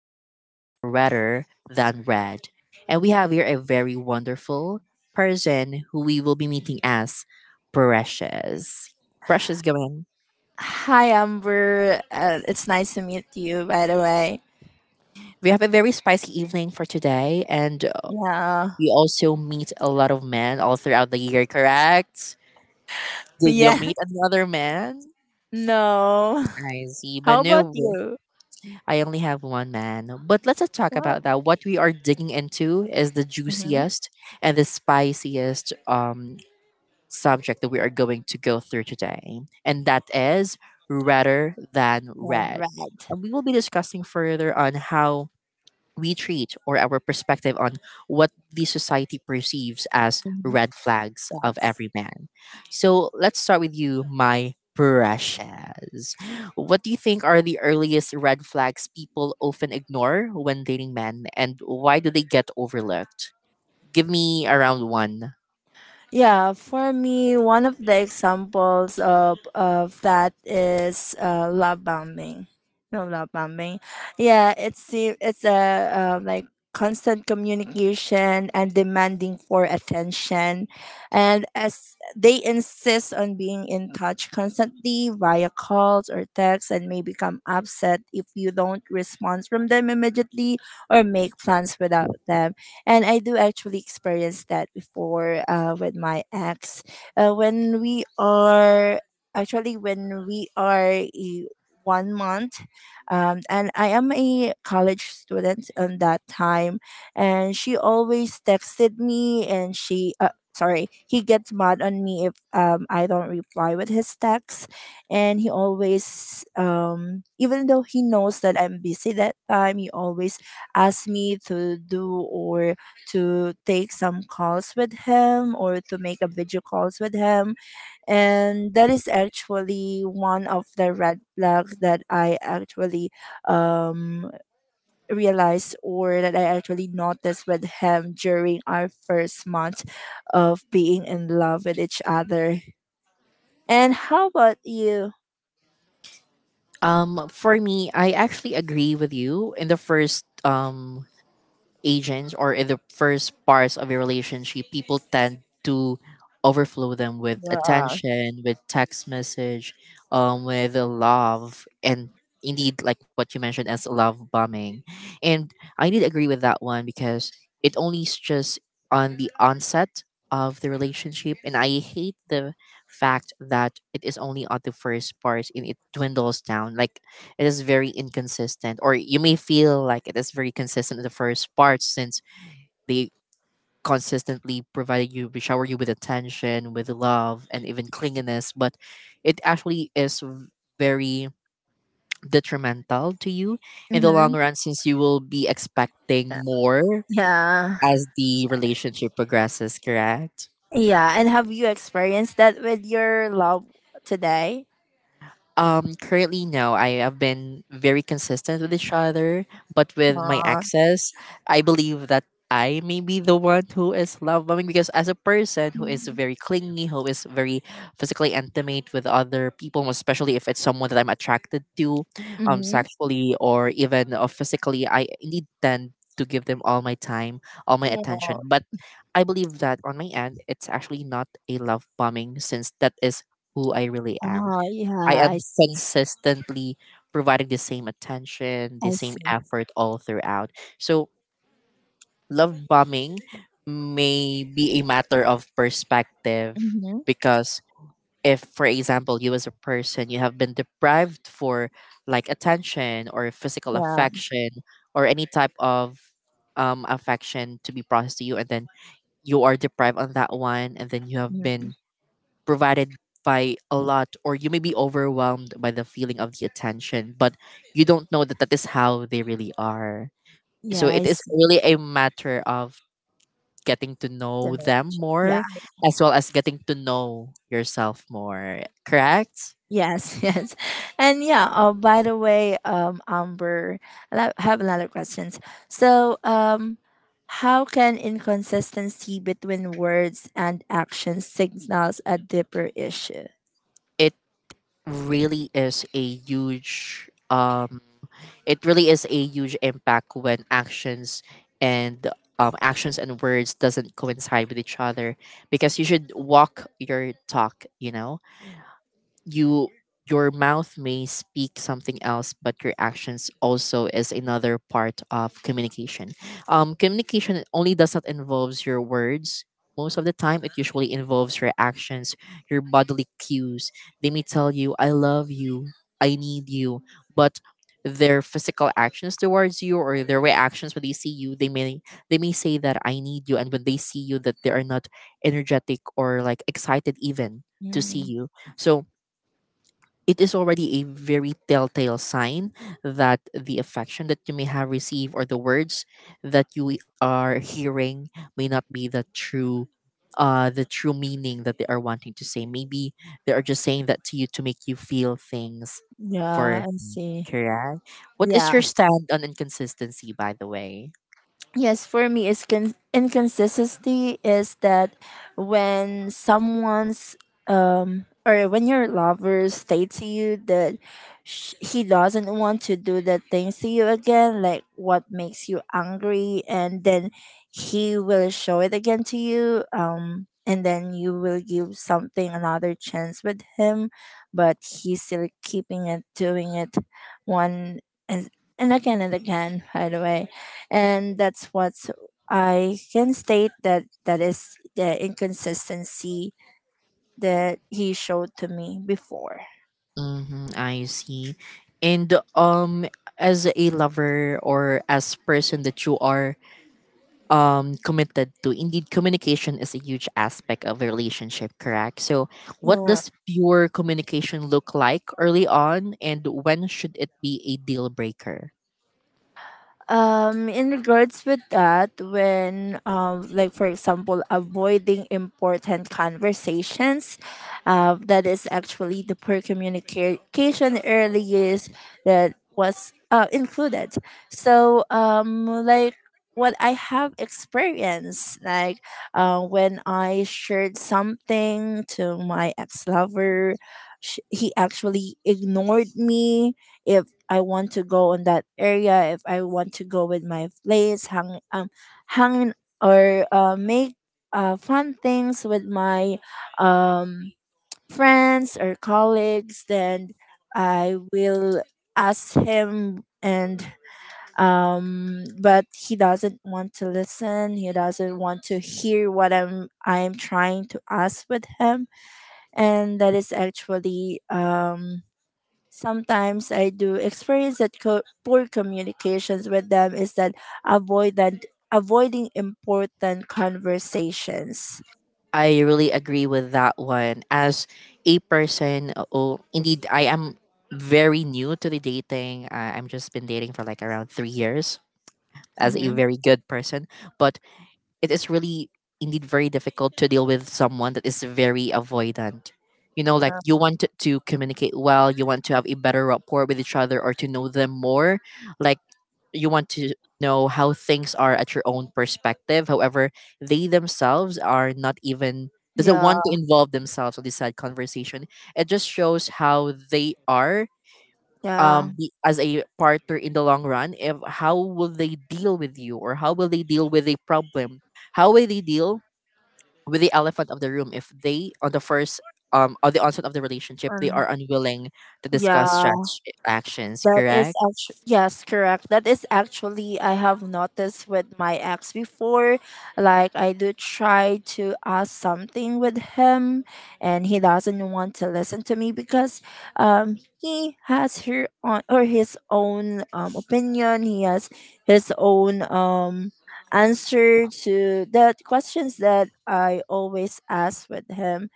podcast, Redder Than Red. And we have here a very wonderful person who we will be meeting as Precious. Precious, go in. Hi, Amber. It's nice to meet you, by the way. We have a very spicy evening for today, and Yeah. we also meet a lot of men all throughout the year, correct? Did you Yeah. meet another man? No. I see, How about Banu. you? I only have one man. But let's not talk Wow. about that. What we are digging into is the hmm juiciest and the spiciest subject that we are going to go through today. And that is redder than And red. red. And we will be discussing further on how we treat or our perspective on what the society perceives as Hmm red flags of Yes. every man. So let's start with you, my precious. What do you think are the earliest red flags people often ignore when dating men, and why do they get overlooked? Give me around one. Yeah, for me, one of the examples of that is love bombing. No love bombing. Yeah, it's a like constant communication and demanding for attention, and as they insist on being in touch constantly via calls or texts, and may become upset if you don't respond from them immediately or make plans without them. And I do actually experience that before, with my ex. Uh, when we are when we are 1 month, and I am a college student on that time, and she always texted me, and she. He gets mad on me if, I don't reply with his texts, and he always, um, even though he knows that I'm busy that time, he always asks me to do or to take some calls with him or to make a video calls with him. And that is actually one of the red flags that I actually, um realized or that I actually noticed with him during our first month of being in love with each other. And how about you? For me, I actually agree with you in the first agents, or in the first parts of a relationship, people tend to overflow them with Yeah. attention, with text message, with the love, and indeed, like what you mentioned as love bombing. And I did agree with that one because it only is just on the onset of the relationship, and I hate the fact that it is only on the first parts and it dwindles down. Like it is very inconsistent, or you may feel like it is very consistent in the first part since they consistently provided you, shower you with attention, with love, and even clinginess. But it actually is very detrimental to you in the Mhm. long run since you will be Yeah, expecting more yeah. as the relationship progresses, correct? Yeah, and have you experienced that with your love today? Currently, no. I have been very consistent with each other, but with my Uh, exes, I believe that I may be the one who is love bombing because as a person who is very clingy, who is very physically intimate with other people, especially if it's someone that I'm attracted to, mm-hmm. sexually or even physically, I need then to give them all my time, all my Yeah. attention. But I believe that on my end, it's actually not a love bombing since that is who I really am. Oh, yeah, I am I see. consistently providing the same attention, the I same see. effort all throughout. So love bombing may be a matter of perspective Mm-hmm. because if for example you as a person, you have been deprived for like attention or physical Yeah. affection or any type of affection to be processed to you, and then you are deprived on that one, and then you have Mm, been provided by a lot, or you may be overwhelmed by the feeling of the attention, but you don't know that that is how they really are. So yeah, I it is see. really a matter of getting to know Then, them yeah. more as well as getting to know yourself more, correct? Yes. Yes. And yeah. Oh, by the way, Amber, have another questions. So, how can inconsistency between words and actions signals a deeper issue? It really is a huge it really is a huge impact when actions and actions and words doesn't coincide with each other, because you should walk your talk, you know. You your mouth may speak something else, but your actions also is another part of communication. Communication only does not involves your words. Most of the time it usually involves your actions, your bodily cues. They may tell you I love you, I need you, but their physical actions towards you or their reactions when they see you, they may say that I need you, and when they see you that they are not energetic or like excited even to see Mm, you. So it is already a very telltale sign that the affection that you may have received or the words that you are hearing may not be the true the true meaning that they are wanting to say. Maybe they are just saying that to you to make you feel things yeah, for, I see. correct? What is Yeah. your stand on inconsistency, by the way? Yes, for me, it's inconsistency is that when someone's, um, or when your lover states to you that, he doesn't want to do the things to you again, like what makes you angry, and then he will show it again to you. And then you will give something another chance with him, but he's still keeping it, doing it one, and and again and again. By the way, and that's what I can state, that that is the inconsistency that he showed to me before. Mm-hmm, I see. And as a lover or as person that you are committed to, indeed communication is a huge aspect of a relationship, correct? So what Yeah. does pure communication look like early on, and when should it be a deal breaker? In regards with that, when, like for example, avoiding important conversations, that is actually the poor communication early years that was included. So, like what I have experienced, like, when I shared something to my ex lover, he actually ignored me. If I want to go on that area, if I want to go with my place, hanging or, make fun things with my, um, friends or colleagues, then I will ask him. And, um, but he doesn't want to listen, he doesn't want to hear what I'm trying to ask with him. And that is actually, um, sometimes I do experience that poor communications with them is that avoidant avoiding important conversations. I really agree with that one. As a person, oh indeed I am very new to the dating. I'm just been dating for like around 3 years as a Hmm very good person, but it is really indeed very difficult to deal with someone that is very avoidant. You know, like you want to communicate well, you want to have a better rapport with each other or to know them more. Like you want to know how things are at your own perspective. However, they themselves are not even doesn't Yeah, want to involve themselves on this side conversation. It just shows how they are, yeah, as a partner in the long run, if how will they deal with you or how will they deal with a problem, how will they deal with the elephant of the room, if they on the first on the onset of the relationship they and- are unwilling to discuss yeah. Actions, That is correct? actually, yes, correct. That is actually, I have noticed with my ex before. Like, I do try to ask something with him, and he doesn't want to listen to me because, he has her on or his own, opinion. He has his own, answer to the questions that I always ask with him.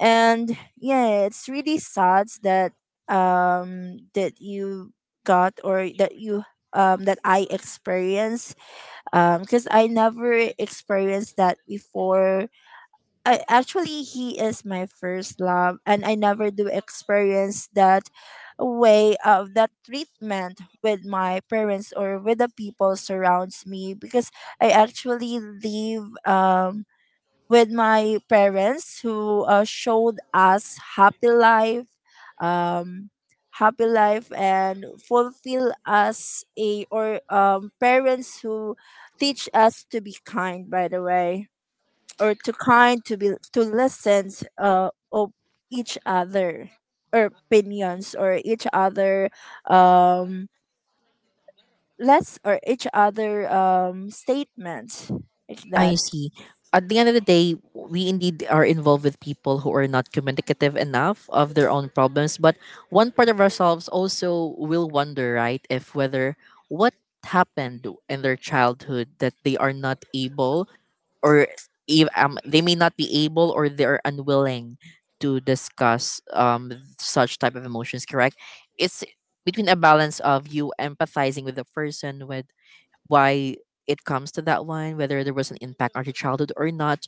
And yeah, it's really sad that, um, that you got or that you, um, that I experienced, um, because I never experienced that before. I, actually he is my first love, and I never do experience that way of that treatment with my parents or with the people surrounds me, because I actually leave, um, with my parents who, showed us um happy life and fulfill us a, or, um, parents who teach us to be kind, by the way, or to kind to be to listen, uh, of each other, or opinions or each other, um, less or each other, um, statements like I that. see. At the end of the day, we indeed are involved with people who are not communicative enough of their own problems. But one part of ourselves also will wonder, right, if whether what happened in their childhood that they are not able, or if, they may not be able or they are unwilling to discuss such type of emotions, correct? It's between a balance of you empathizing with the person with why it comes to that one, whether there was an impact on your childhood or not,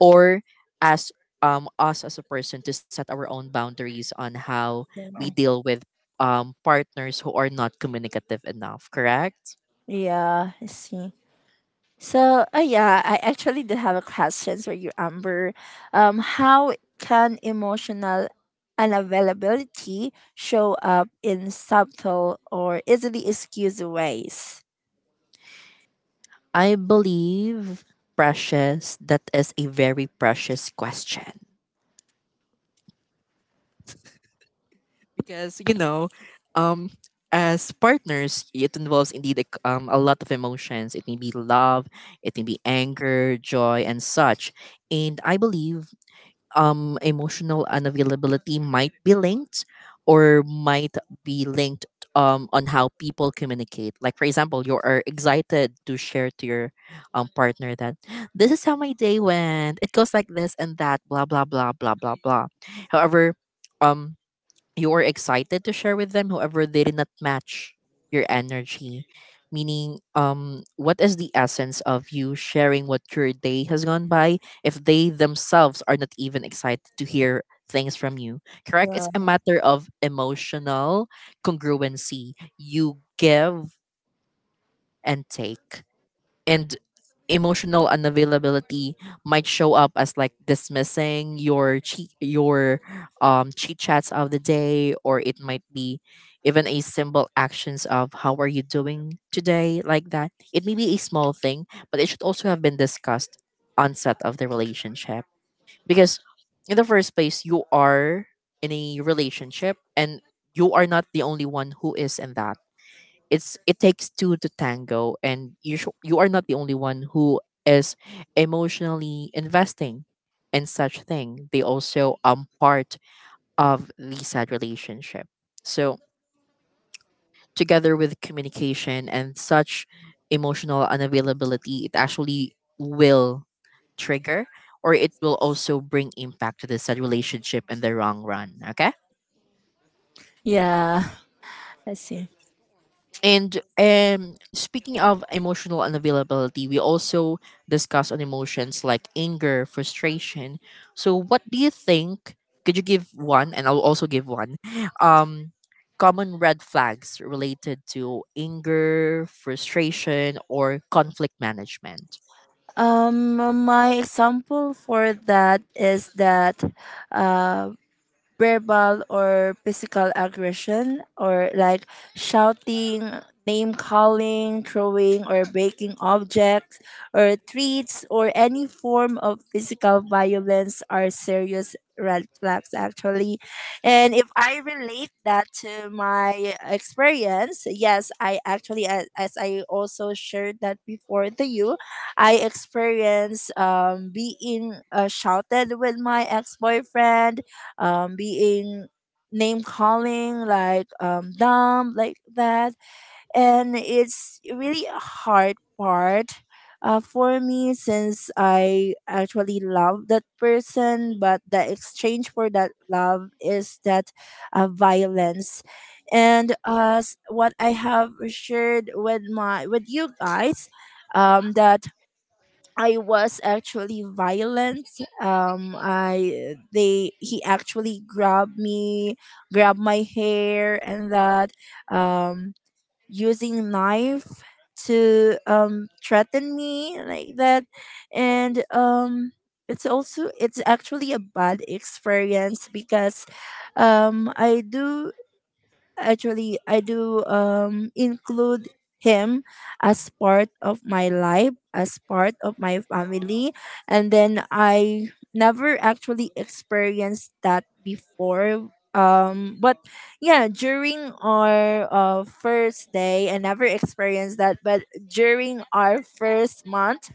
or as us as a person to set our own boundaries on how we deal with partners who are not communicative enough, correct? Yeah, I see. So, yeah, I actually do have a question for you, Amber. How can emotional unavailability show up in subtle or easily excused ways? I believe, Precious, that is a very precious question. Because you know, um as partners it involves indeed like, a lot of emotions. It may be love, it may be anger, joy, and such. And I believe emotional unavailability might be linked, or might be linked, on how people communicate. Like for example, you are excited to share to your partner that this is how my day went, it goes like this and that, blah blah blah blah blah blah. However, um you were excited to share with them, however they did not match your energy. Meaning what is the essence of you sharing what your day has gone by if they themselves are not even excited to hear things from you, correct? Yeah. It's a matter of emotional congruency. You give and take. And emotional unavailability might show up as like dismissing your cheat chats of the day, or it might be even a simple actions of how are you doing today, like that. It may be a small thing, but it should also have been discussed onset of the relationship, because in the first place you are in a relationship, and you are not the only one who is in that. It takes two to tango, and you are not the only one who is emotionally investing in such thing. They also part of the sad relationship. So together with communication and such, emotional unavailability, it actually will trigger, or it will also bring impact to the said relationship in the long run, okay. Yeah, I see. And speaking of emotional unavailability, we also discuss on emotions like anger, frustration. So, what do you think? Could you give one, and I'll also give one. Um, common red flags related to anger, frustration, or conflict management. Um, my example for that is that, uh, verbal or physical aggression, or like shouting, name calling, throwing or breaking objects or treats, or any form of physical violence are serious red flags actually. And if I relate that to my experience, yes, as I also shared that before to you, I experienced, um, being, shouted with my ex-boyfriend, being name calling, like, dumb, like that. And it's really a hard part, for me, since I actually love that person, but the exchange for that love is that, violence. And what I have shared with my with you guys, that I was actually violent. I they he actually grabbed me, grabbed my hair, and that, um, using knife to, threaten me like that. And, it's also, it's actually a bad experience, because, I do actually, I do, um, include him as part of my life, as part of my family, and then I never actually experienced that before. But yeah, during our, first day, I never experienced that. But during our first month,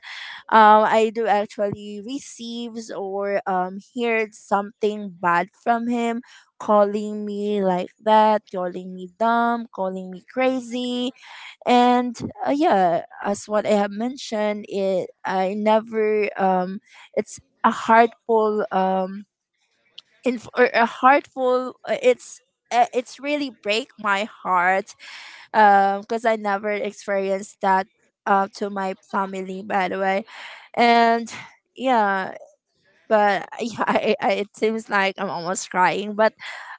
I do actually receives or, um, heard something bad from him, calling me like that, calling me dumb, calling me crazy. And yeah, as what I have mentioned, it I never, um, it's a heartful, um, or a heartful, it's, it's really break my heart, because I never experienced that, to my family, by the way. And yeah, but yeah, it seems like I'm almost crying. But,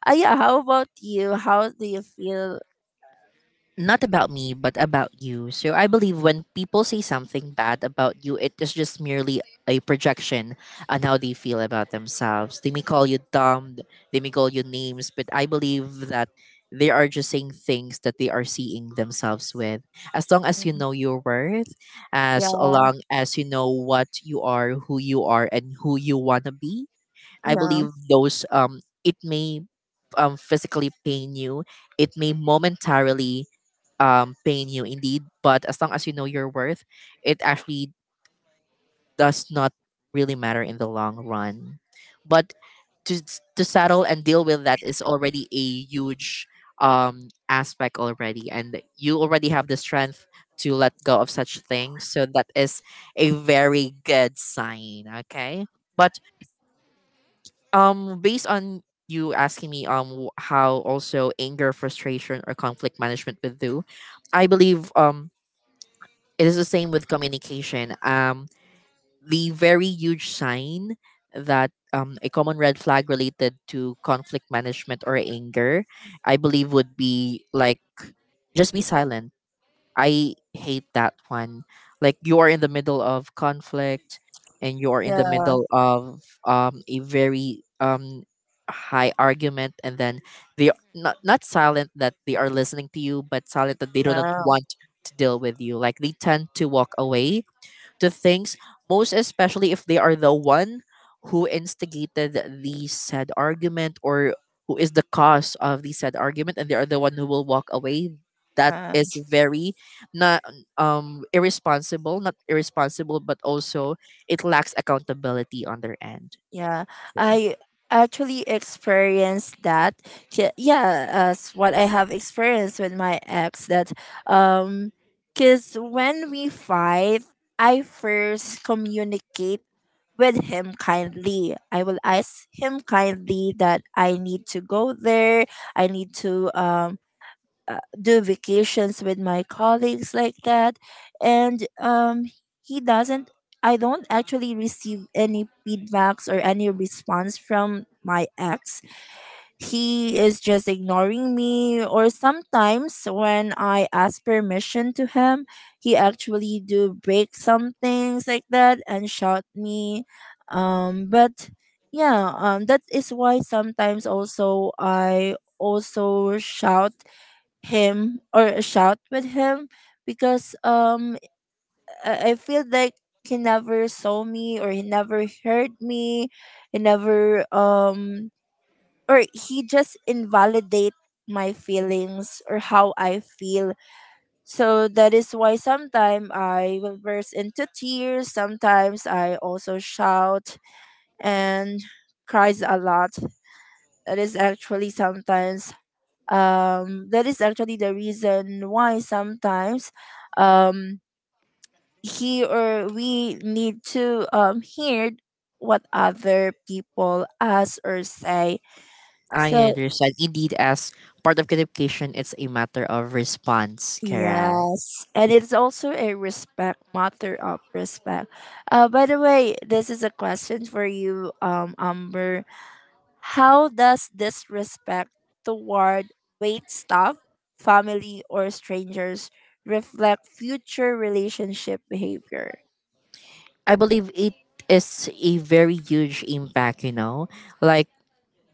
yeah, how about you? How do you feel? Not about me, but about you. So I believe when people say something bad about you, it is just merely a projection on how they feel about themselves. They may call you dumb, they may call you names, but I believe that they are just saying things that they are seeing themselves with. As long as you know your worth, Yeah, as long as you know what you are, who you are, and who you want to be, I yeah, believe those it may physically pain you, it may momentarily pain you indeed, but as long as you know your worth, it actually does not really matter in the long run. But to settle and deal with that is already a huge aspect already, and you already have the strength to let go of such things, so that is a very good sign, okay. But based on you asking me how also anger, frustration, or conflict management would do, I believe it is the same with communication. The very huge sign that, a common red flag related to conflict management or anger, I believe, would be like just be silent. I hate that one. Like you are in the middle of conflict, and you are in the yeah. middle of a very high argument, and then they are not silent that they are listening to you, but silent that they do not want to deal with you. Like they tend to walk away to things, most especially if they are the one who instigated the said argument, or who is the cause of the said argument, and they are the one who will walk away. That Yeah. is very not irresponsible, not irresponsible, but also it lacks accountability on their end. Yeah, I actually experienced that. Yeah, as what I have experienced with my ex that, um, cuz when we fight, I first communicate with him kindly. I will ask him kindly that I need to go there. I need to um, do vacations with my colleagues like that. And, um, he doesn't, I don't actually receive any feedbacks or any response from my ex. He is just ignoring me, or sometimes when I ask permission to him, he actually do break some things like that and shout me. Um, but yeah, um, that is why sometimes also I also shout him or shout with him, because, um, I feel like he never saw me, or he never heard me, he never, um, or he just invalidate my feelings or how I feel. So that is why sometimes I will burst into tears, sometimes I also shout and cries a lot. That is actually sometimes, um, that is actually the reason why sometimes, um, he or we need to, um, hear what other people ask or say. I So understand. Indeed, as part of communication, it's a matter of response, correct? yes, and it's also a respect, matter of respect. Uh, by the way, this is a question for you, um, Amber. How does disrespect toward wait staff, family, or strangers reflect future relationship behavior? I believe it is a very huge impact, you know? Like,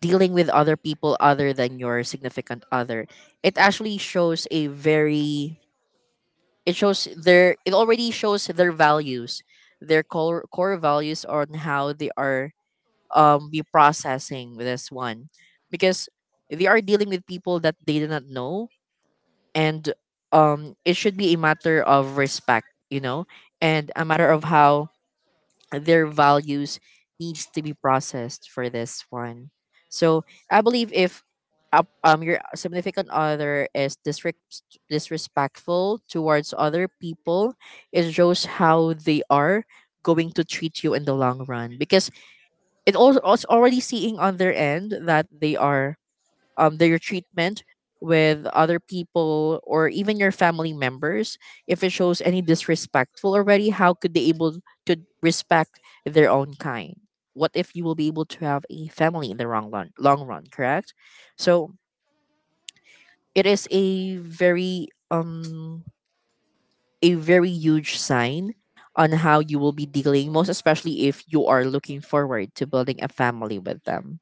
dealing with other people other than your significant other, it actually shows a very it shows their it already shows their values, their core values on how they are be processing this one, because they are dealing with people that they do not know. And it should be a matter of respect, and a matter of how their values needs to be processed for this one. So I believe if your significant other is disrespectful towards other people, it shows how they are going to treat you in the long run, because it's already seeing on their end that they are, their treatment with other people or even your family members, if it shows any disrespectful already, how could they able to respect their own kind? What if you will be able to have a family in the long run, long run, correct? So it is a very huge sign on how you will be dealing, most especially if you are looking forward to building a family with them.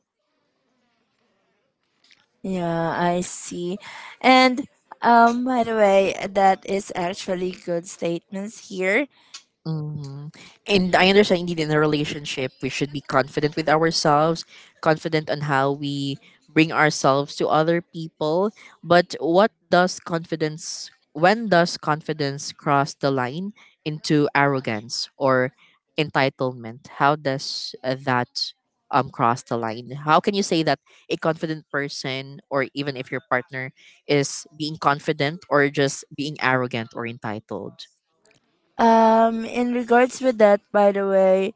Yeah, I see. And, by the way, that is actually good statements here. Hmm. And I understand indeed in a relationship, we should be confident with ourselves, confident on how we bring ourselves to other people. But what does confidence, when does confidence cross the line into arrogance or entitlement? How does that, cross the line? How can you say that a confident person, or even if your partner, is being confident or just being arrogant or entitled? In regards with that, by the way,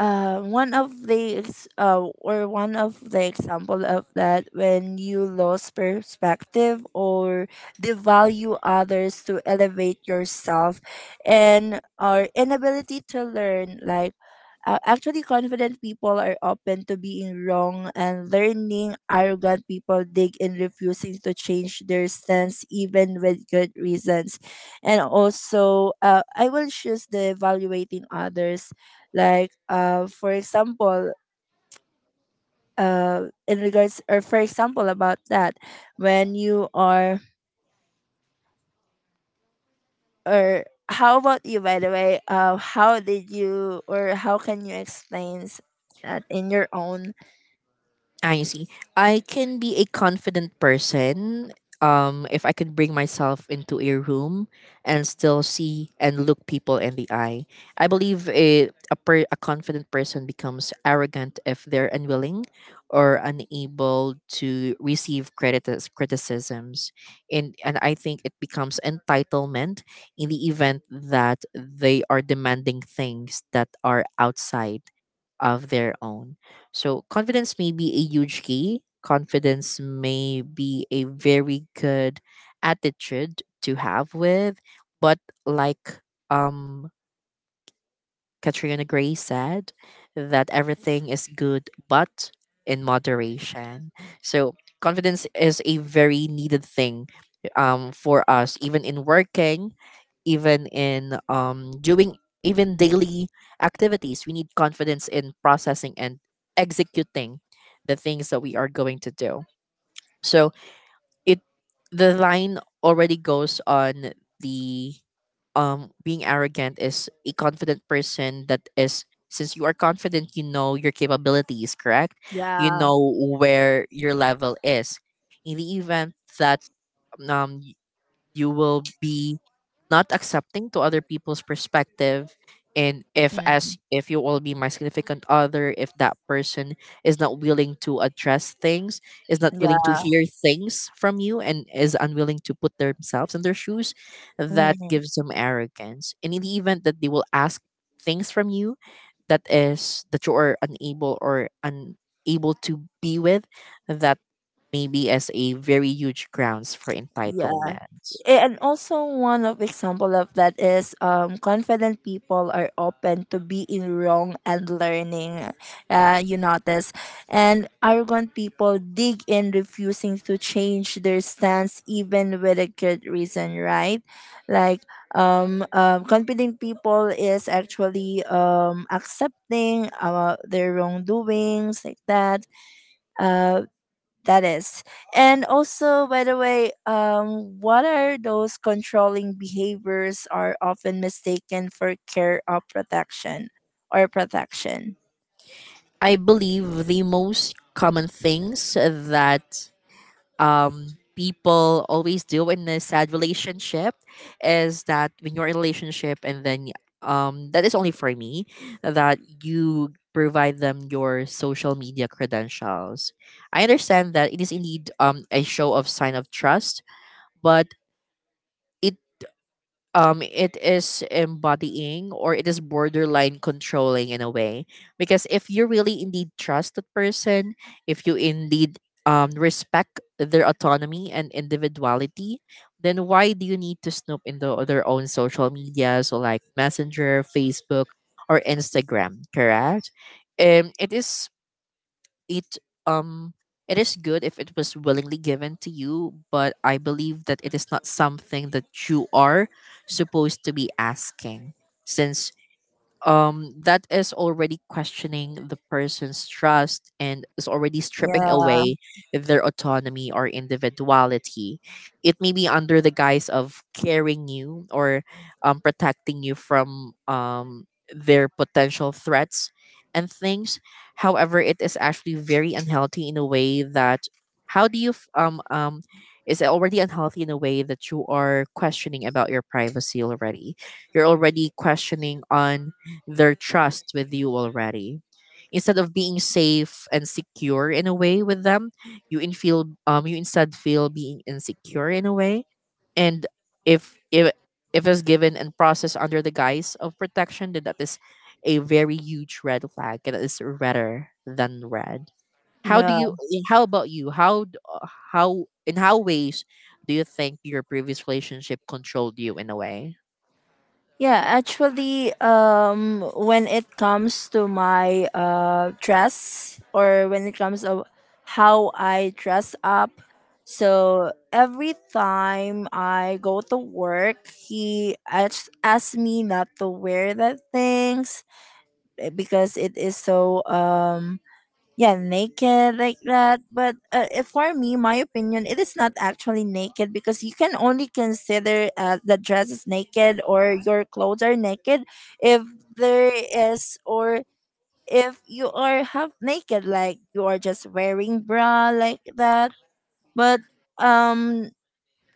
uh, one of the ex- or one of the example of that, when you lose perspective or devalue others to elevate yourself and our inability to learn, like, actually confident people are open to being wrong and learning, arrogant people dig in refusing to change their stance even with good reasons. And also, I will choose the evaluating others, like, for example, in regards or for example about that, when you are, or how about you, by the way, how did you, or how can you explain, that in your own? I see. I can be a confident person if I can bring myself into a room and still see and look people in the eye. I believe a confident person becomes arrogant if they're unwilling or unable to receive criticisms. And I think it becomes entitlement in the event that they are demanding things that are outside of their own. So confidence may be a huge key. Confidence may be a very good attitude to have with, but, like, um Katrina Gray said, that everything is good, but in moderation. So confidence is a very needed thing, for us, even in working, even in doing, even daily activities. We need confidence in processing and executing the things that we are going to do. So it the line already goes on, the being arrogant, is a confident person, that is, since you are confident, you know your capabilities, correct? You Yeah. know where your level is. In the event that um y- you will be not accepting to other people's perspective, and if, Mm, as if you will be my significant other, if that person is not willing to address things, is not willing to yeah. hear things from you, and is unwilling to put themselves in their shoes, that Mm, gives them arrogance. And in the event that they will ask things from you that is that you are unable or unable to be with, that maybe as a very huge grounds for yeah. entitlement. And also one of example of that is, confident people are open to being wrong and learning, you notice. And arrogant people dig in refusing to change their stance even with a good reason, right? Like, confident people is actually, um, accepting, their wrongdoings, like that, uh, that is. And also, by the way, what are those controlling behaviors are often mistaken for care or protection or protection? I believe the most common things that, people always do in a sad relationship, is that when you're in a relationship and then, that is only for me, that you provide them your social media credentials. I understand that it is indeed a show of sign of trust, but it it is embodying, or it is borderline controlling in a way, because if you really indeed trust that person, if you indeed respect their autonomy and individuality, then why do you need to snoop into their own social media, so like Messenger, Facebook, or Instagram, correct? um it is it um it is good if it was willingly given to you, but I believe that it is not something that you are supposed to be asking, since, that is already questioning the person's trust and is already stripping Yeah. away their autonomy or individuality. It may be under the guise of caring you, or protecting you from, their potential threats and things. However, it is actually very unhealthy in a way that how do you f- is already unhealthy in a way, that you are questioning about your privacy already. You're already questioning on their trust with you already. Instead of being safe and secure in a way with them, you in feel you instead feel being insecure in a way. And if if if it's given and processed under the guise of protection, then that is a very huge red flag, and it is redder than red. How do Yeah. you how about you? How in how ways do you think your previous relationship controlled you in a way? Yeah, actually, when it comes to my dress or when it comes to how I dress up. So every time I go to work, he asks me not to wear that things, because it is so yeah, naked like that. But if, for me, my opinion, it is not actually naked, because you can only consider the dress is naked or your clothes are naked if there is, or if you are half naked, like you are just wearing bra like that. But um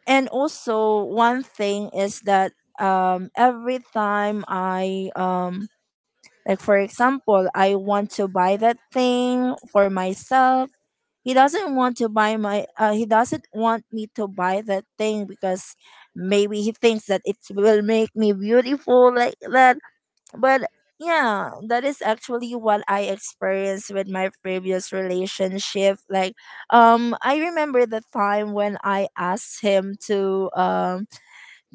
and also, one thing is that every time I like, for example, I want to buy that thing for myself, he doesn't want me to buy that thing, because maybe he thinks that it will make me beautiful like that. But yeah, that is actually what I experienced with my previous relationship. Like, I remember the time when I asked him to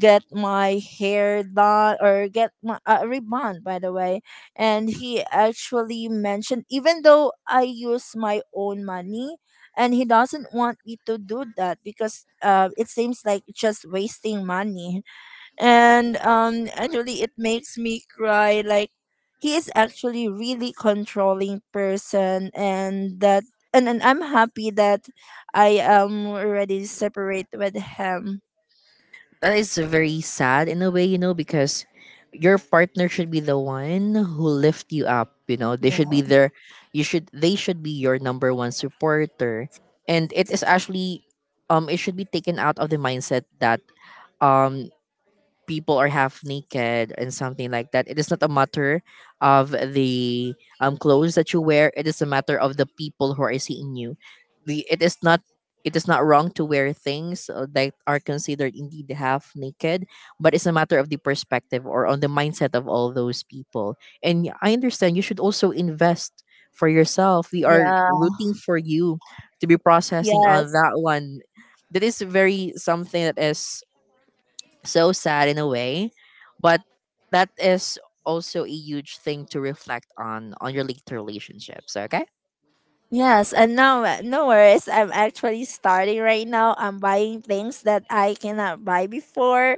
get my hair done or get my a rebond, by the way. And he actually mentioned, even though I use my own money, and he doesn't want me to do that, because it seems like just wasting money. And actually it makes me cry. Like, he is actually really controlling person, and that, and I'm happy that I am already separate with him. That is very sad in a way, you know, because your partner should be the one who lift you up. They should be there. You should they should be your number one supporter. And it is actually It should be taken out of the mindset that um people are half naked and something like that. It is not a matter of the clothes that you wear. It is a matter of the people who are seeing you. The It is not wrong to wear things, that are considered indeed half naked, but it's a matter of the perspective or on the mindset of all those people. And I understand you should also invest for yourself. We are Yeah. rooting for you to be processing on Yes, that one. That is very something that is so sad in a way, but that is also a huge thing to reflect on your later relationships, okay. yes, and no, no worries. I'm actually starting right now. I'm buying things that I cannot buy before,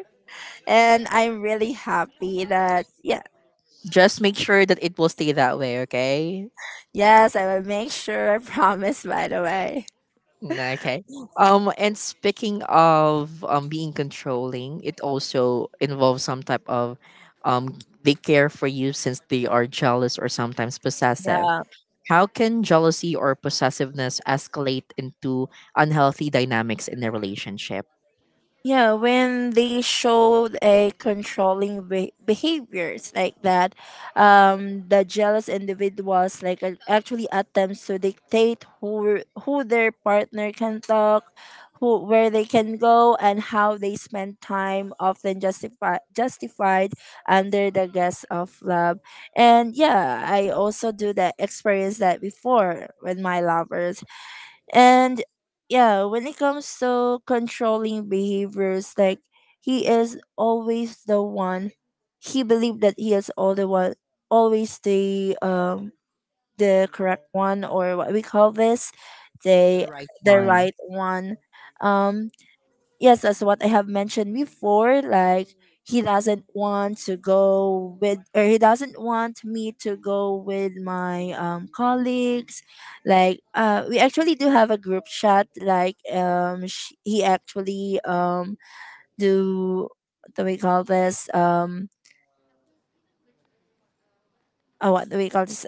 and I'm really happy that. Yeah, Just make sure that it will stay that way, okay. yes, I will make sure. I promise. By the way, Okay. And speaking of being controlling, it also involves some type of, um they care for you since they are jealous or sometimes possessive. yeah. How can jealousy or possessiveness escalate into unhealthy dynamics in a relationship? Yeah, when they showed a controlling behaviors like that, the jealous individuals, like, actually attempts to dictate who their partner can talk, who, where they can go, and how they spend time, often justify justified under the guise of love. And yeah, I also do that experience that before with my lovers. And yeah, when it comes to controlling behaviors, like, he is always the one. He believed that he is all the one, always the correct one, or what we call this, The the right the one. right one. Um, yes, as what I have mentioned before, like, he doesn't want me to go with my colleagues. Like, we actually do have a group chat, like, he actually do, what do we call this, oh, what do we call this,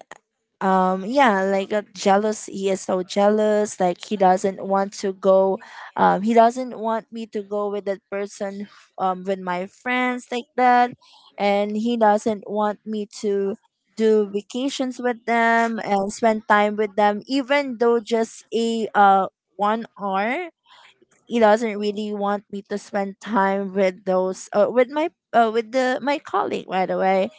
yeah, like, jealous he is so jealous. Like, he doesn't want me to go with that person, with my friends, like that. And he doesn't want me to do vacations with them and spend time with them, even though just a 1 hour. He doesn't really want me to spend time with those, with the my colleague, by the way.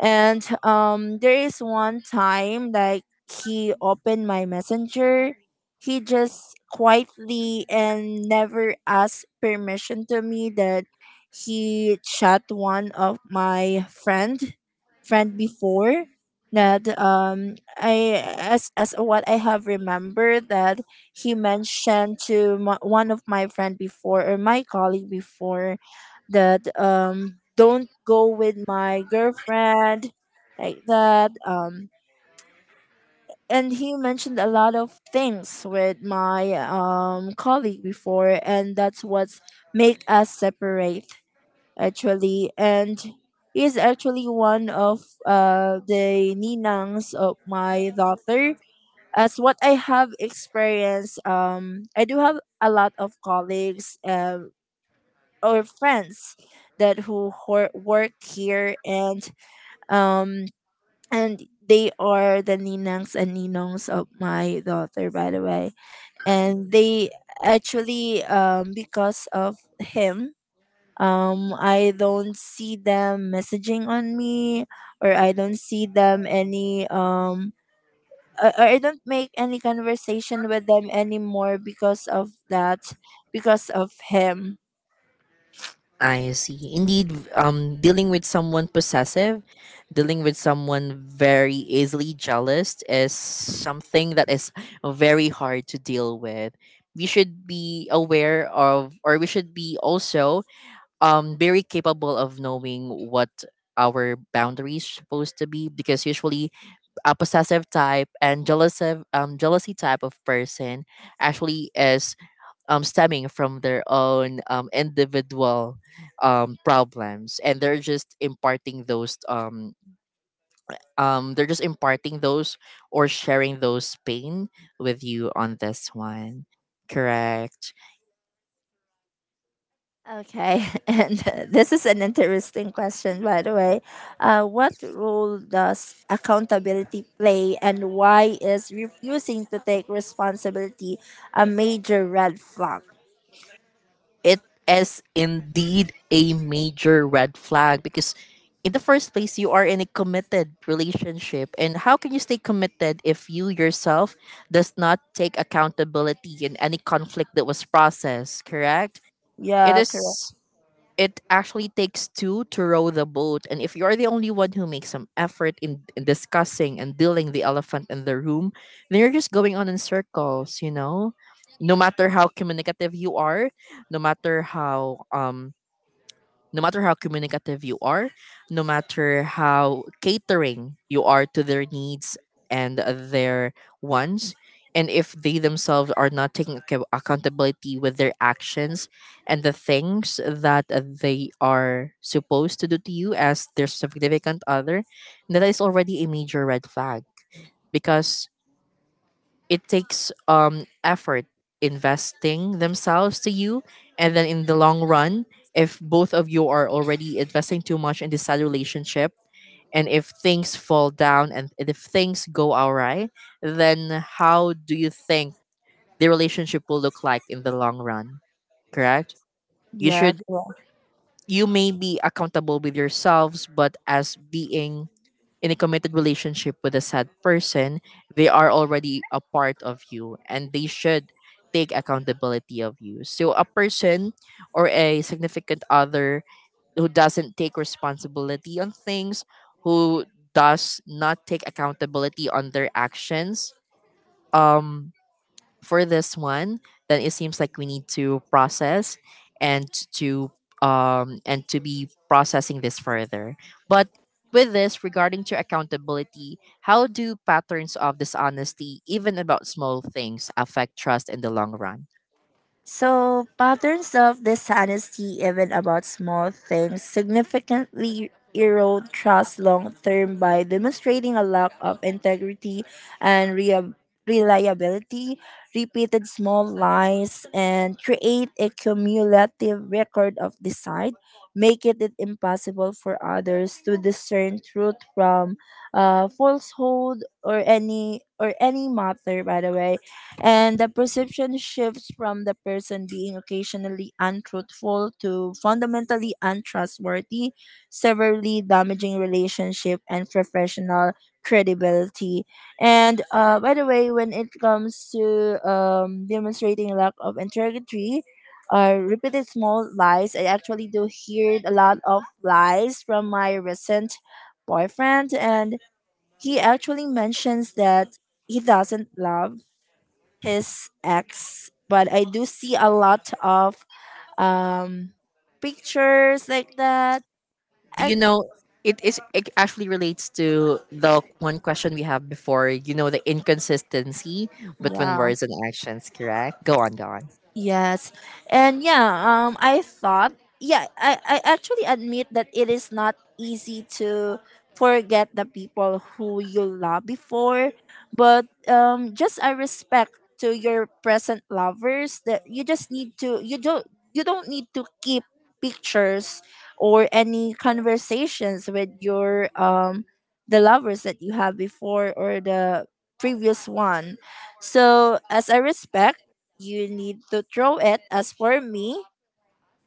And there is one time, like, he opened my messenger. He just quietly and never asked permission to me, that he chat one of my friend before, that I, as what I have remembered, that he mentioned to my, one of my friend before, or my colleague before, that don't go with my girlfriend, like that. And he mentioned a lot of things with my colleague before, and that's what's make us separate, actually. And he's actually one of the ninangs of my daughter. As what I have experienced, I do have a lot of colleagues, our friends, that who work here, and um and they are the ninangs and ninongs of my daughter, by the way. And they actually, because of him, I don't see them messaging on me, or I don't see them any I don't make any conversation with them anymore, because of that, because of him. I see. Indeed, dealing with someone possessive, dealing with someone very easily jealous, is something that is very hard to deal with. We should be aware of, or we should be also very capable of knowing what our boundaries supposed to be, because usually a possessive type and jealousy type of person actually is stemming from their own individual problems, and they're just imparting those, um, they're just imparting those or sharing those pain with you on this one, correct? Okay. and this is an interesting question, by the way. What role does accountability play, and why is refusing to take responsibility a major red flag? It is indeed a major red flag, because in the first place you are in a committed relationship, and how can you stay committed if you yourself does not take accountability in any conflict that was processed, correct? It Yeah, correct. is it actually takes two to row the boat. And if you're the only one who makes some effort in discussing and dealing the elephant in the room, then you're just going on in circles. No matter how communicative you are, no matter how um no matter how communicative you are, no matter how catering you are to their needs and their wants, and if they themselves are not taking accountability with their actions, and the things that they are supposed to do to you as their significant other, that is already a major red flag, because it takes effort investing themselves to you, and then in the long run, if both of you are already investing too much in this side relationship, and if things fall down and if things go awry, then how do you think the relationship will look like in the long run, correct? you Yeah, should correct. you may be accountable with yourselves, but as being in a committed relationship with a sad person, they are already a part of you, and they should take accountability of you. So a person or a significant other who doesn't take responsibility on things, who does not take accountability on their actions, um for this one, then it seems like we need to process and to to be processing this further. But, with this regarding to accountability, how do patterns of dishonesty, even about small things, affect trust in the long run? So, patterns of dishonesty, even about small things, significantly erode trust long term, by demonstrating a lack of integrity and reliability. Repeated small lies, and create a cumulative record of deceit, making it impossible for others to discern truth from, falsehood, or any, matter, by the way. And the perception shifts from the person being occasionally untruthful to fundamentally untrustworthy, severely damaging relationship and professional credibility. And by the way, when it comes to demonstrating lack of integrity, repeated small lies. I actually do hear a lot of lies from my recent boyfriend, and he actually mentions that he doesn't love his ex, but I do see a lot of um pictures like that. Do I. you know it actually relates to the one question we have before, you know, the inconsistency between Yeah. words and actions, correct? Go on, go on. Yes. And yeah, I thought, yeah, I actually admit that it is not easy to forget the people who you love before, but just a respect to your present lovers, that you don't need to keep pictures or any conversations with your the lovers that you have before, or the previous one. So, as a respect, you need to throw it.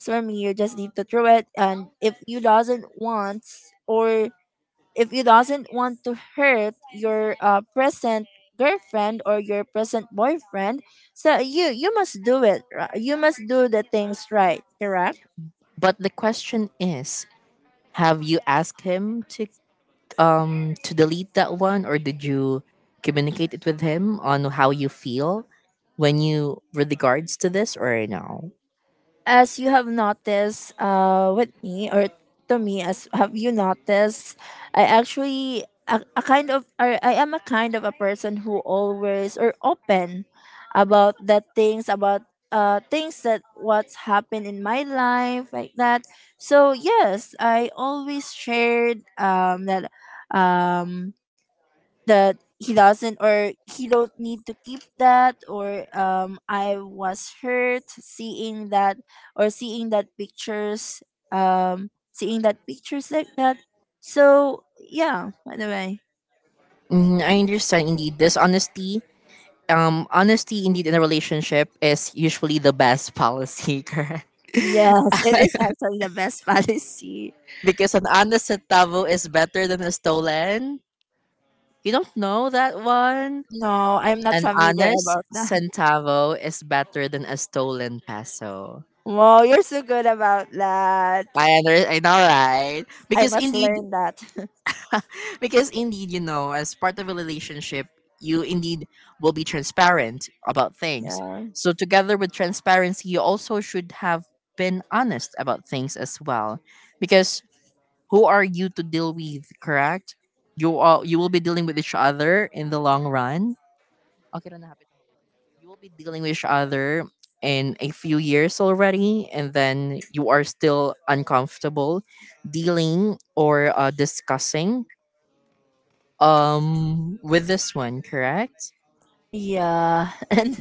As for me, you just need to throw it. And or if you doesn't want to hurt your present girlfriend or your present boyfriend, so you must do it. You must do the things right, correct. But the question is, have you asked him to to delete that one, or did you communicate it with him on how you feel when you, with regards to this, or no? As you have noticed with me, or to me, as have you noticed, I actually, a kind of or I am a kind of a person who always, or open about the things about, things that what's happened in my life, like that. So yes, I always shared that, um that he doesn't, or he don't need to keep that, or I was hurt seeing that pictures, seeing that pictures, like that. So yeah, by the way. Mm, I understand indeed this honesty honesty indeed in a relationship is usually the best policy, correct? Yes, it is actually the best policy. Because an honest centavo is better than a stolen. You don't know that one. No, I'm not An familiar honest about that. centavo is better than a stolen peso. Wow, you're so good about that. I know, right? I Because must indeed, learn that. because indeed, you know, as part of a relationship, you indeed will be transparent about things. Yeah. So together with transparency, you also should have been honest about things as well. Because who are you to deal with, correct? You are you will be dealing with each other in the long run okay lang na happy naman. You will be dealing with each other in a few years already, and then you are still uncomfortable dealing or discussing with this one, correct? Yeah, and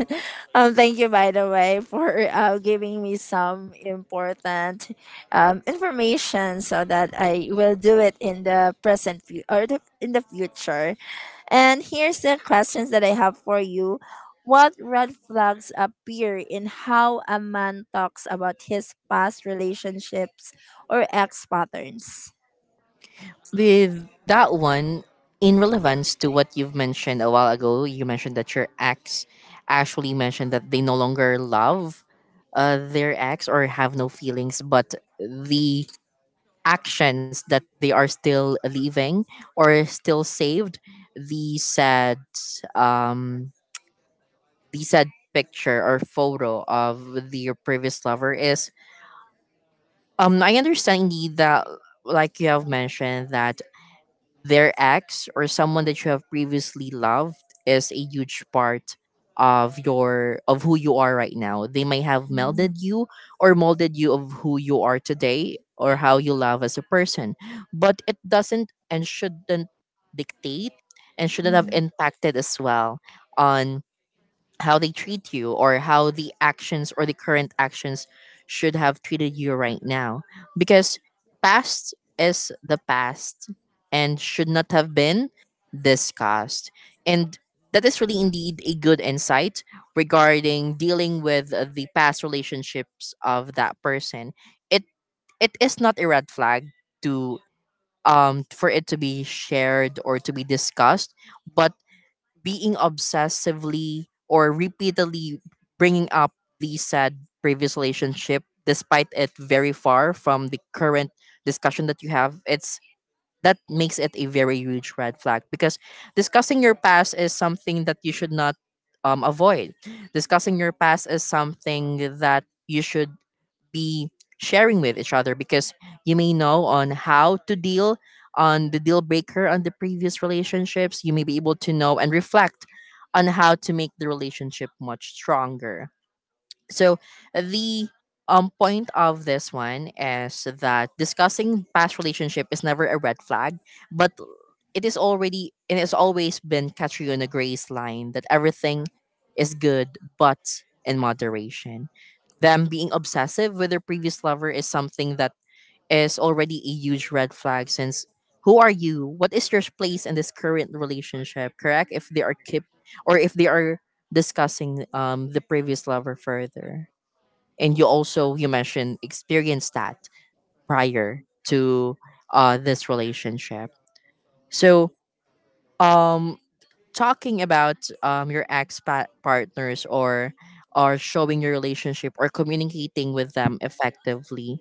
thank you, by the way, for giving me some important information, so that I will do it in the present, in the future. And here's the questions that I have for you. What red flags appear in how a man talks about his past relationships or ex patterns? With that one, in relevance to what you've mentioned a while ago, you mentioned that your ex actually mentioned that they no longer love their ex or have no feelings, but the actions that they are still leaving or still saved the said um the said picture or photo of the previous lover is I understand indeed that, like you have mentioned, that their ex, or someone that you have previously loved, is a huge part of who you are right now. They may have melded you or molded you of who you are today, or how you love as a person. But it doesn't and shouldn't dictate and shouldn't have impacted as well on how they treat you, or how the actions or the current actions should have treated you right now, because past is the past and should not have been discussed. And that is really indeed a good insight regarding dealing with the past relationships of that person. It it is not a red flag to for it to be shared or to be discussed, but being obsessively or repeatedly bringing up the said previous relationship despite it very far from the current discussion that you have, it's, that makes it a very huge red flag. Because discussing your past is something that you should not avoid. Discussing your past is something that you should be sharing with each other, because you may know on how to deal on the deal breaker on the previous relationships. You may be able to know and reflect on how to make the relationship much stronger. So the point of this one is that discussing past relationship is never a red flag, but it is already, it has always been Catriona Gray's line that everything is good but in moderation. Them being obsessive with their previous lover is something that is already a huge red flag, since who are you? What is your place in this current relationship? Correct? If they are keep or if they are discussing the previous lover further, and you also you mentioned experienced that prior to this relationship. So um talking about your partners, or showing your relationship or communicating with them effectively,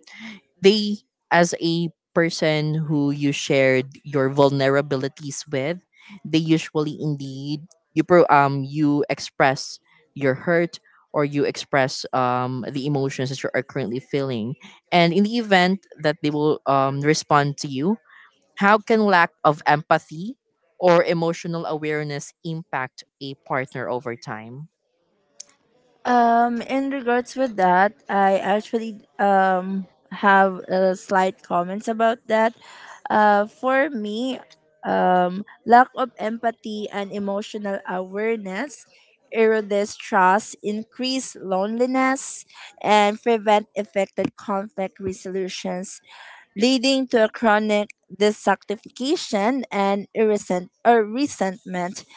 they, as a person who you shared your vulnerabilities with, they usually indeed you express your hurt or you express the emotions that you are currently feeling, and in the event that they will respond to you, how can lack of empathy or emotional awareness impact a partner over time? In regards with that, I actually have a slight comments about that. For me, lack of empathy and emotional awareness erodes trust, increase loneliness, and prevent effective conflict resolutions, leading to a chronic dissatisfaction and irresent- or resentment.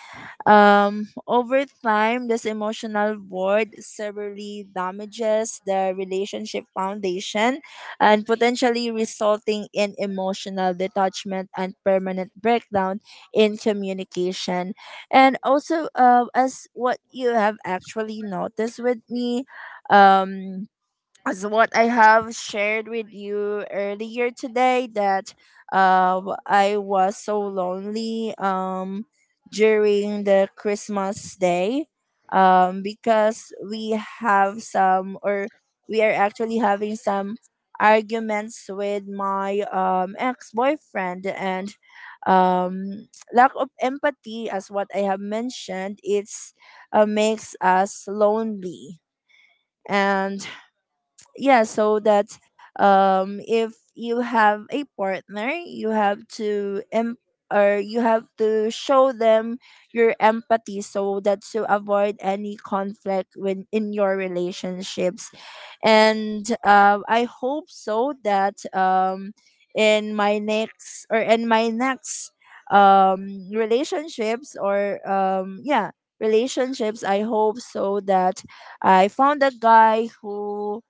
Over time, this emotional void severely damages the relationship foundation, and potentially resulting in emotional detachment and permanent breakdown in communication. And also, as what you have actually noticed with me, um, as what I have shared with you earlier today, that I was so lonely during the Christmas day, because we are actually having some arguments with my ex-boyfriend. And lack of empathy, as what I have mentioned, it's makes us lonely. And yeah, so that, if you have a partner, you have to, em- or you have to show them your empathy, so that to avoid any conflict when in your relationships. And I hope so that in my next, relationships, or yeah relationships, I hope so that I found a guy who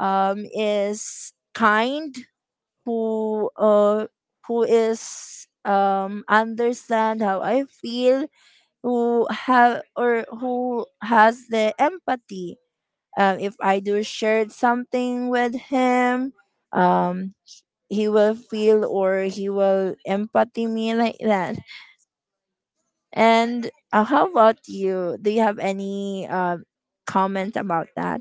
is kind, who, who is, understand how I feel, who have or who has the empathy. If I do share something with him, um, he will empathy me like that. And how about you? Do you have any comment about that?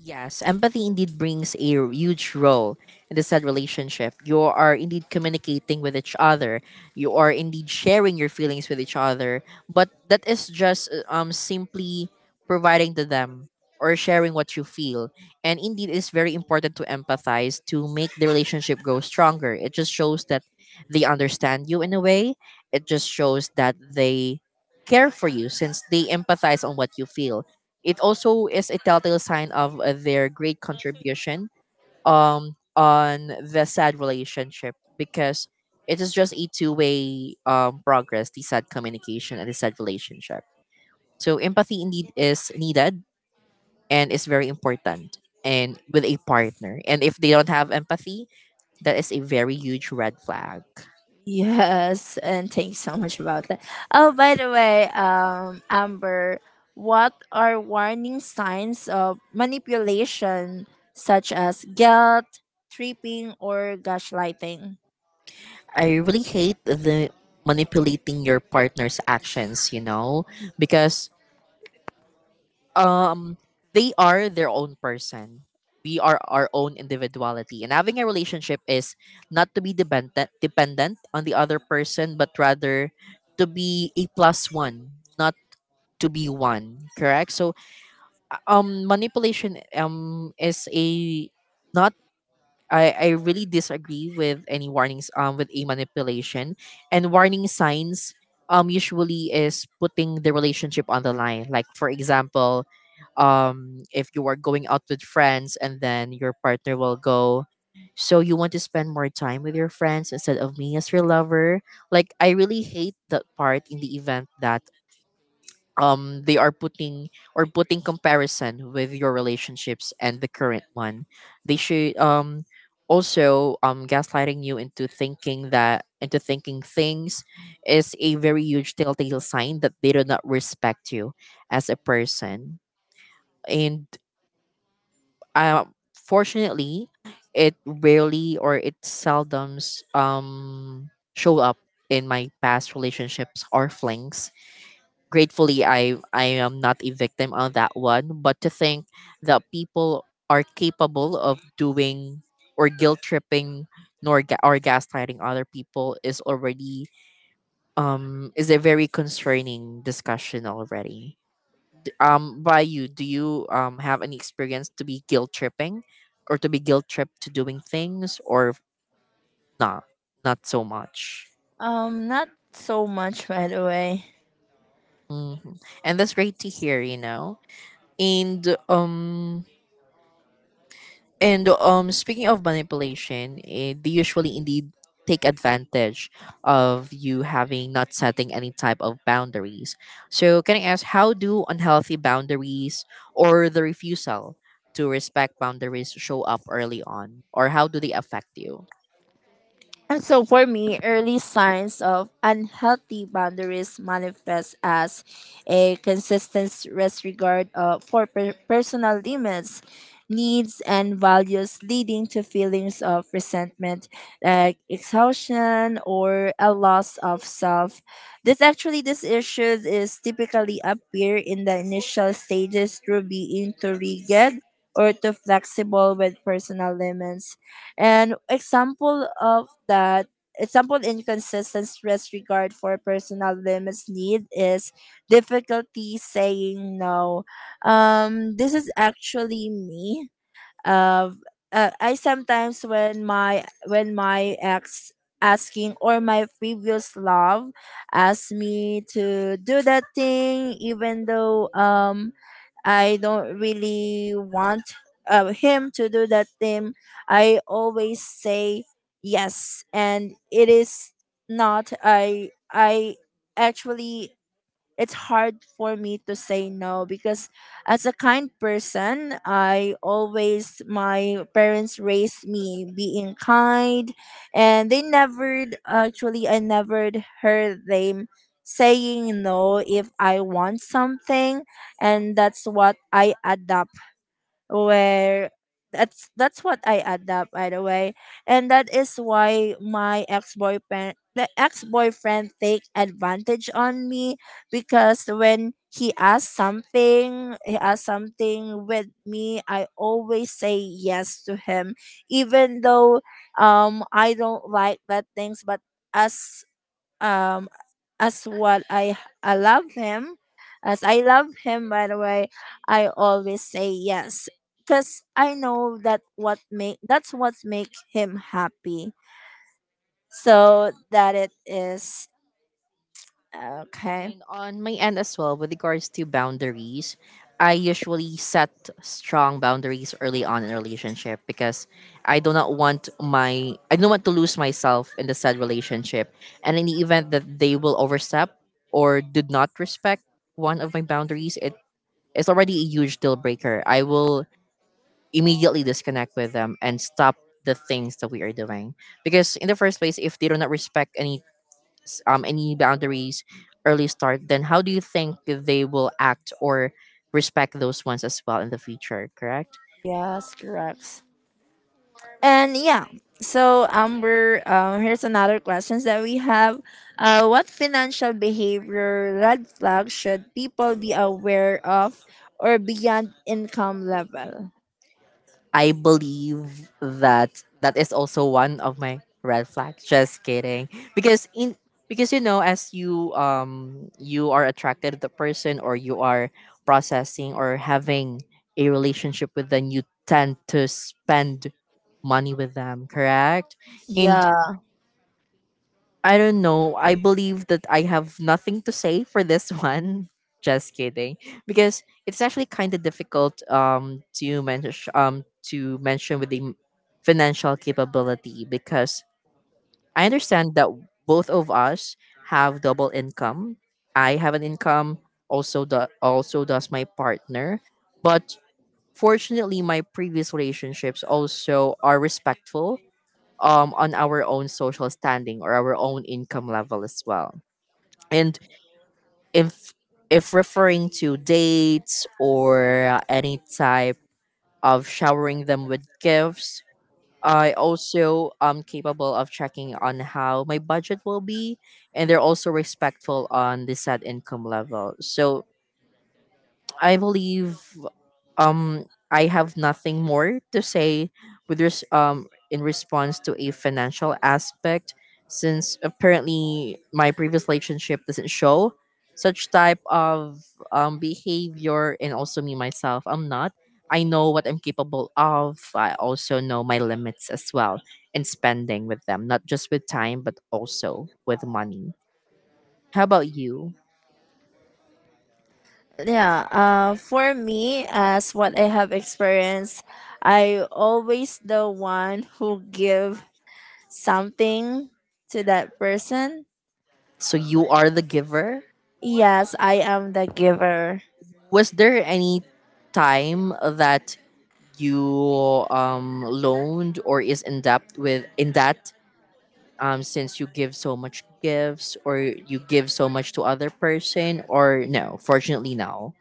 Yes, empathy indeed brings a huge role in the said relationship. You are indeed communicating with each other. You are indeed sharing your feelings with each other. But that is just simply providing to them or sharing what you feel. And indeed, it's very important to empathize to make the relationship go stronger. It just shows that they understand you in a way. It just shows that they care for you, since they empathize on what you feel. It also is a telltale sign of their great contribution on the sad relationship, because it is just a two way progress, the sad communication and the sad relationship. So empathy indeed is needed and is very important, and with a partner. And if they don't have empathy, that is a very huge red flag. Yes, and thanks so much about that. Oh, by the way, Amber, what are warning signs of manipulation, such as guilt, tripping, or gaslighting? I really hate the manipulating your partner's actions, you know, because um they are their own person, we are our own individuality, and having a relationship is not to be dependent on the other person, but rather to be a plus one, not to be one, correct? So manipulation is a not, I really disagree with any warnings with a manipulation. And warning signs usually is putting the relationship on the line, like for example, if you are going out with friends and then your partner will go, so you want to spend more time with your friends instead of me as your lover. Like I really hate that part. In the event that they are putting or putting comparison with your relationships and the current one, they should also gaslighting you into thinking that into thinking things, is a very huge telltale sign that they do not respect you as a person. And uh, fortunately, it rarely or it seldoms show up in my past relationships or flings. Gratefully, I am not a victim on that one. But to think that people are capable of doing or guilt tripping nor ga- or gaslighting other people is already is a very concerning discussion already. By you, do you have any experience to be guilt tripping, or to be guilt tripped to doing things, or not? Not so much. Not so much, by the way. Hmm. And that's great to hear. You know, and um speaking of manipulation, eh, they usually indeed take advantage of you having not setting any type of boundaries. So, can I ask, how do unhealthy boundaries or the refusal to respect boundaries show up early on, or how do they affect you? And so, for me, early signs of unhealthy boundaries manifest as a consistent disregard of, personal limits, needs, and values, leading to feelings of resentment, like exhaustion or a loss of self. This issues is typically appear in the initial stages, through being too rigid or too flexible with personal limits. And example of that, example, inconsistent stress regard for personal limits need, is difficulty saying no. This is actually me. Of, I sometimes, when my ex asking, or my previous love asked me to do that thing, even though I don't really want, him to do that thing, I always say yes. And it is not. I actually, it's hard for me to say no, because as a kind person, I always my parents raised me being kind, and they never actually I never heard them saying no if I want something. And that's what I adapt, where that's what I adapt, by the way. And that is why my ex boyfriend the ex boyfriend take advantage on me because when he asked something with me, I always say yes to him even though I don't like that things. But as um as what I love him, as I love him by the way, I always say yes because I know that what make that's what make him happy, so that it is okay. And on my end as well, with regards to boundaries, I usually set strong boundaries early on in a relationship, because I do not want my I don't want to lose myself in the said relationship. And in the event that they will overstep or did not respect one of my boundaries, it is already a huge deal breaker. I will immediately disconnect with them and stop the things that we are doing. Because in the first place, if they do not respect any any boundaries early start, then how do you think they will act or respect those ones as well in the future? Correct. Yes, correct, and yeah. So Amber, here's another questions that we have. What financial behavior red flag should people be aware of or beyond income level? I believe that that is also one of my red flags. Just kidding. Because in because, you know, as you you are attracted to the person, or you are processing or having a relationship with them, you tend to spend money with them, correct? And Yeah, I don't know. I believe that I have nothing to say for this one. Just kidding, because it's actually kind of difficult to mention with the financial capability, because I understand that both of us have double income. I have an income, also does my partner. But fortunately, my previous relationships also are respectful on our own social standing or our own income level as well. And if if referring to dates or any type of showering them with gifts, I also am capable of checking on how my budget will be, and they're also respectful on the set income level. So I believe I have nothing more to say with in response to a financial aspect, since apparently my previous relationship doesn't show such type of behavior. And also me myself, I'm not I know what I'm capable of, I also know my limits as well in spending with them, not just with time but also with money. How about you? yeah. For me, as what I have experienced, I always the one who give something to that person. So you are the giver. Yes, I am the giver. Was there any time that you loaned or is in debt with in debt since you give so much gifts or you give so much to other person, or no? Fortunately, no.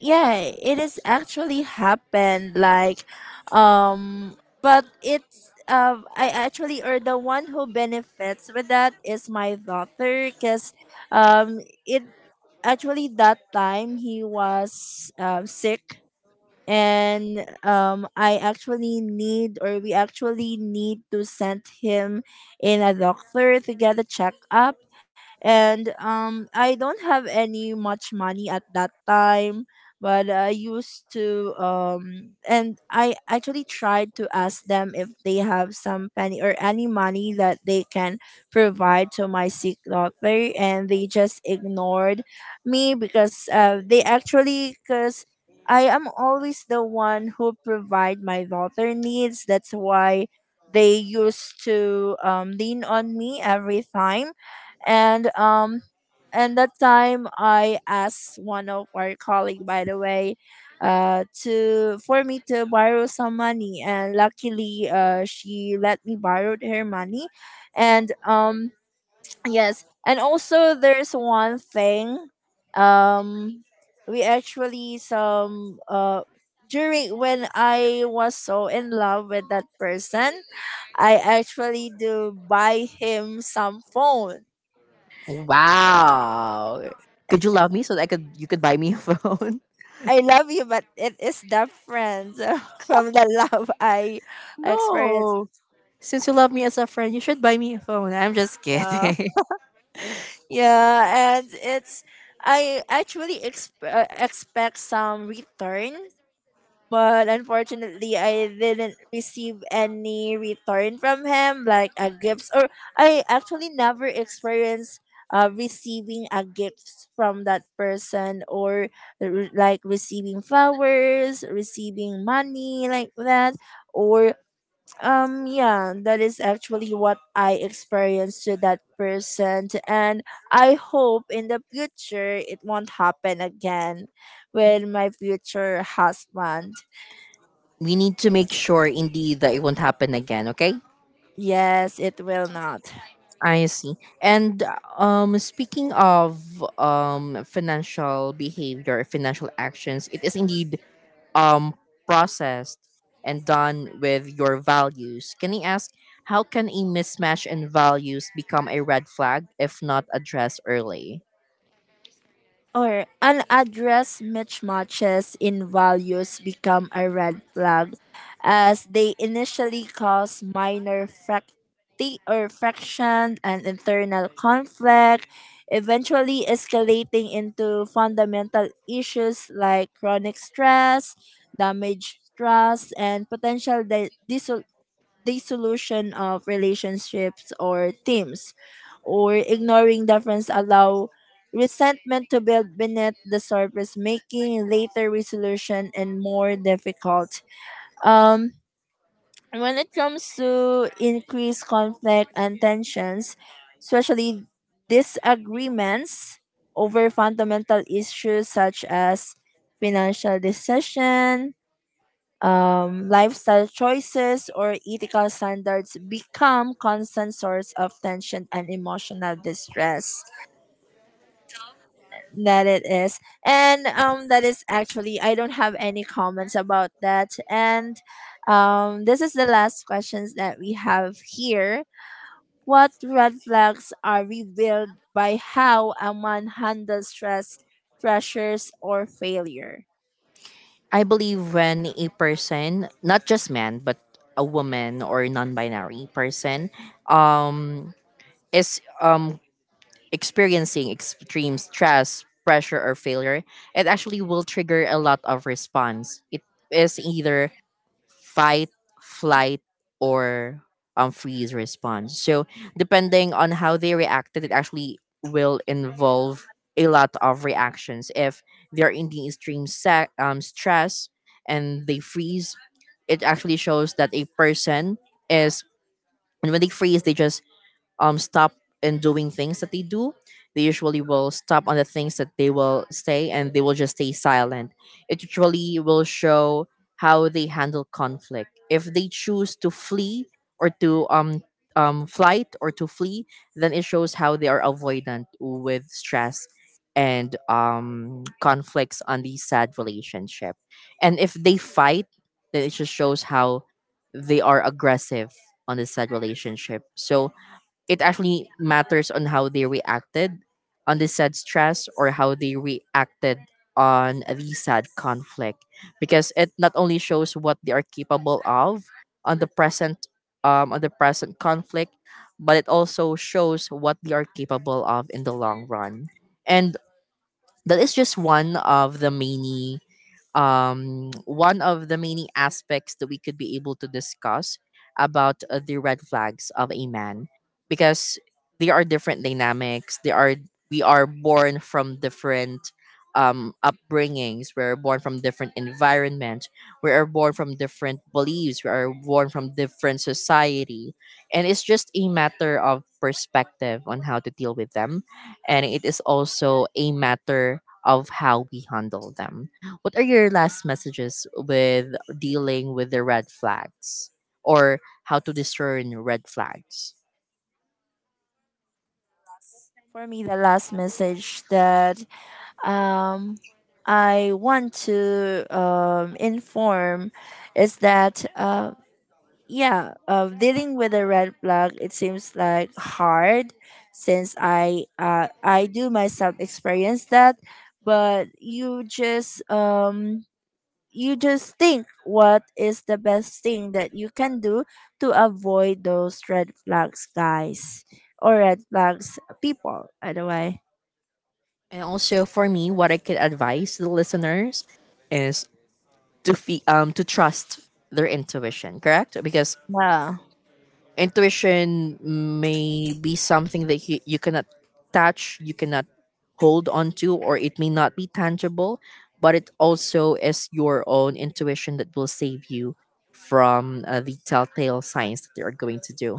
Yeah, it is actually happened. Like, but it's I actually or the one who benefits with that is my daughter, cause um, it actually that time he was sick and I actually need or we actually need to send him in a doctor to get a checkup. And I don't have any much money at that time, but I used to and I actually tried to ask them if they have some penny or any money that they can provide to my sick daughter, and they just ignored me because they actually, because I am always the one who provide my daughter needs. That's why they used to, lean on me every time. And um and that time I asked one of our colleague by the way, to for me to borrow some money, and luckily she let me borrow her money. And yes, and also there's one thing. Um, we actually some during when I was so in love with that person, I actually do buy him some phone. Wow. Could you love me so that I could you could buy me a phone? I love you, but it is different from the love I experienced No. Since you love me as a friend, you should buy me a phone. I'm just now. kidding. Yeah, and it's I actually expect some return, but unfortunately I didn't receive any return from him like a gifts. Or I actually never experienced receiving a gift from that person or like receiving flowers, receiving money like that. Or yeah, that is actually what I experienced to that person. And I hope in the future it won't happen again with my future husband. We need to make sure indeed that it won't happen again, okay? Yes, it will not. I see. And speaking of financial behavior, financial actions, it is indeed um, processed and done with your values. Can I ask, how can a mismatch in values become a red flag if not addressed early? Or unaddressed mismatches in values become a red flag as they initially cause minor fracti- or friction and internal conflict, eventually escalating into fundamental issues like chronic stress, damaged trust, and potential dissolution of relationships or teams. Or ignoring difference allow resentment to build beneath the surface, making later resolution and more difficult. um when it comes to increased conflict and tensions, especially disagreements over fundamental issues such as financial decision, lifestyle choices or ethical standards become constant source of tension and emotional distress. That it is. And that is actually I don't have any comments about that. And this is the last questions that we have here. What red flags are revealed by how a man handles stress, pressures or failure? I believe when a person, not just man, but a woman or non-binary person, um, is experiencing extreme stress, pressure, or failure, it actually will trigger a lot of response. It is either fight, flight, or freeze response. So, depending on how they reacted, it actually will involve a lot of reactions. If they're in the extreme stress and they freeze, it actually shows that a person is, and when they freeze, they just stop and doing things that they do. They usually will stop on the things that they will say, and they will just stay silent. It usually will show how they handle conflict. If they choose to flee or to flight, or to flee, then it shows how they are avoidant with stress and conflicts on the sad relationship. And if they fight, then it just shows how they are aggressive on the sad relationship. So it actually matters on how they reacted on the sad stress, or how they reacted on the sad conflict, because it not only shows what they are capable of on the present on the present conflict, but it also shows what they are capable of in the long run. And that is just one of the many one of the many aspects that we could be able to discuss about the red flags of a man, because there are different dynamics. They are We are born from different upbringings, we're born from different environment, we are born from different beliefs, we are born from different society, and it's just a matter of perspective on how to deal with them, and it is also a matter of how we handle them. What are your last messages with dealing with the red flags, or how to discern red flags? For me, the last message that um, I want to, inform is that yeah, dealing with a red flag it seems like hard since I, I do myself experience that. But you just think what is the best thing that you can do to avoid those red flags, guys, or red flags, people. By the way, And also for me, what I can advise the listeners is to to trust their intuition, correct? Because yeah, intuition may be something that you cannot touch, you cannot hold onto, or it may not be tangible, but it also is your own intuition that will save you from the telltale signs that they are going to do.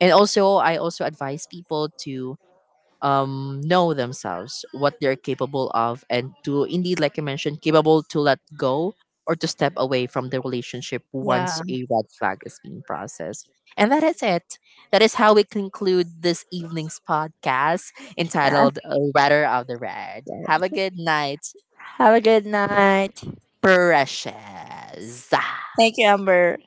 And also, I also advise people to know themselves, what they're capable of, and to indeed, like I mentioned, capable to let go or to step away from the relationship once yeah. a red flag is being processed. And that is it. That is how we conclude this evening's podcast entitled Letter of the Red. Have a good night, Have a good night. precious. Thank you, Amber.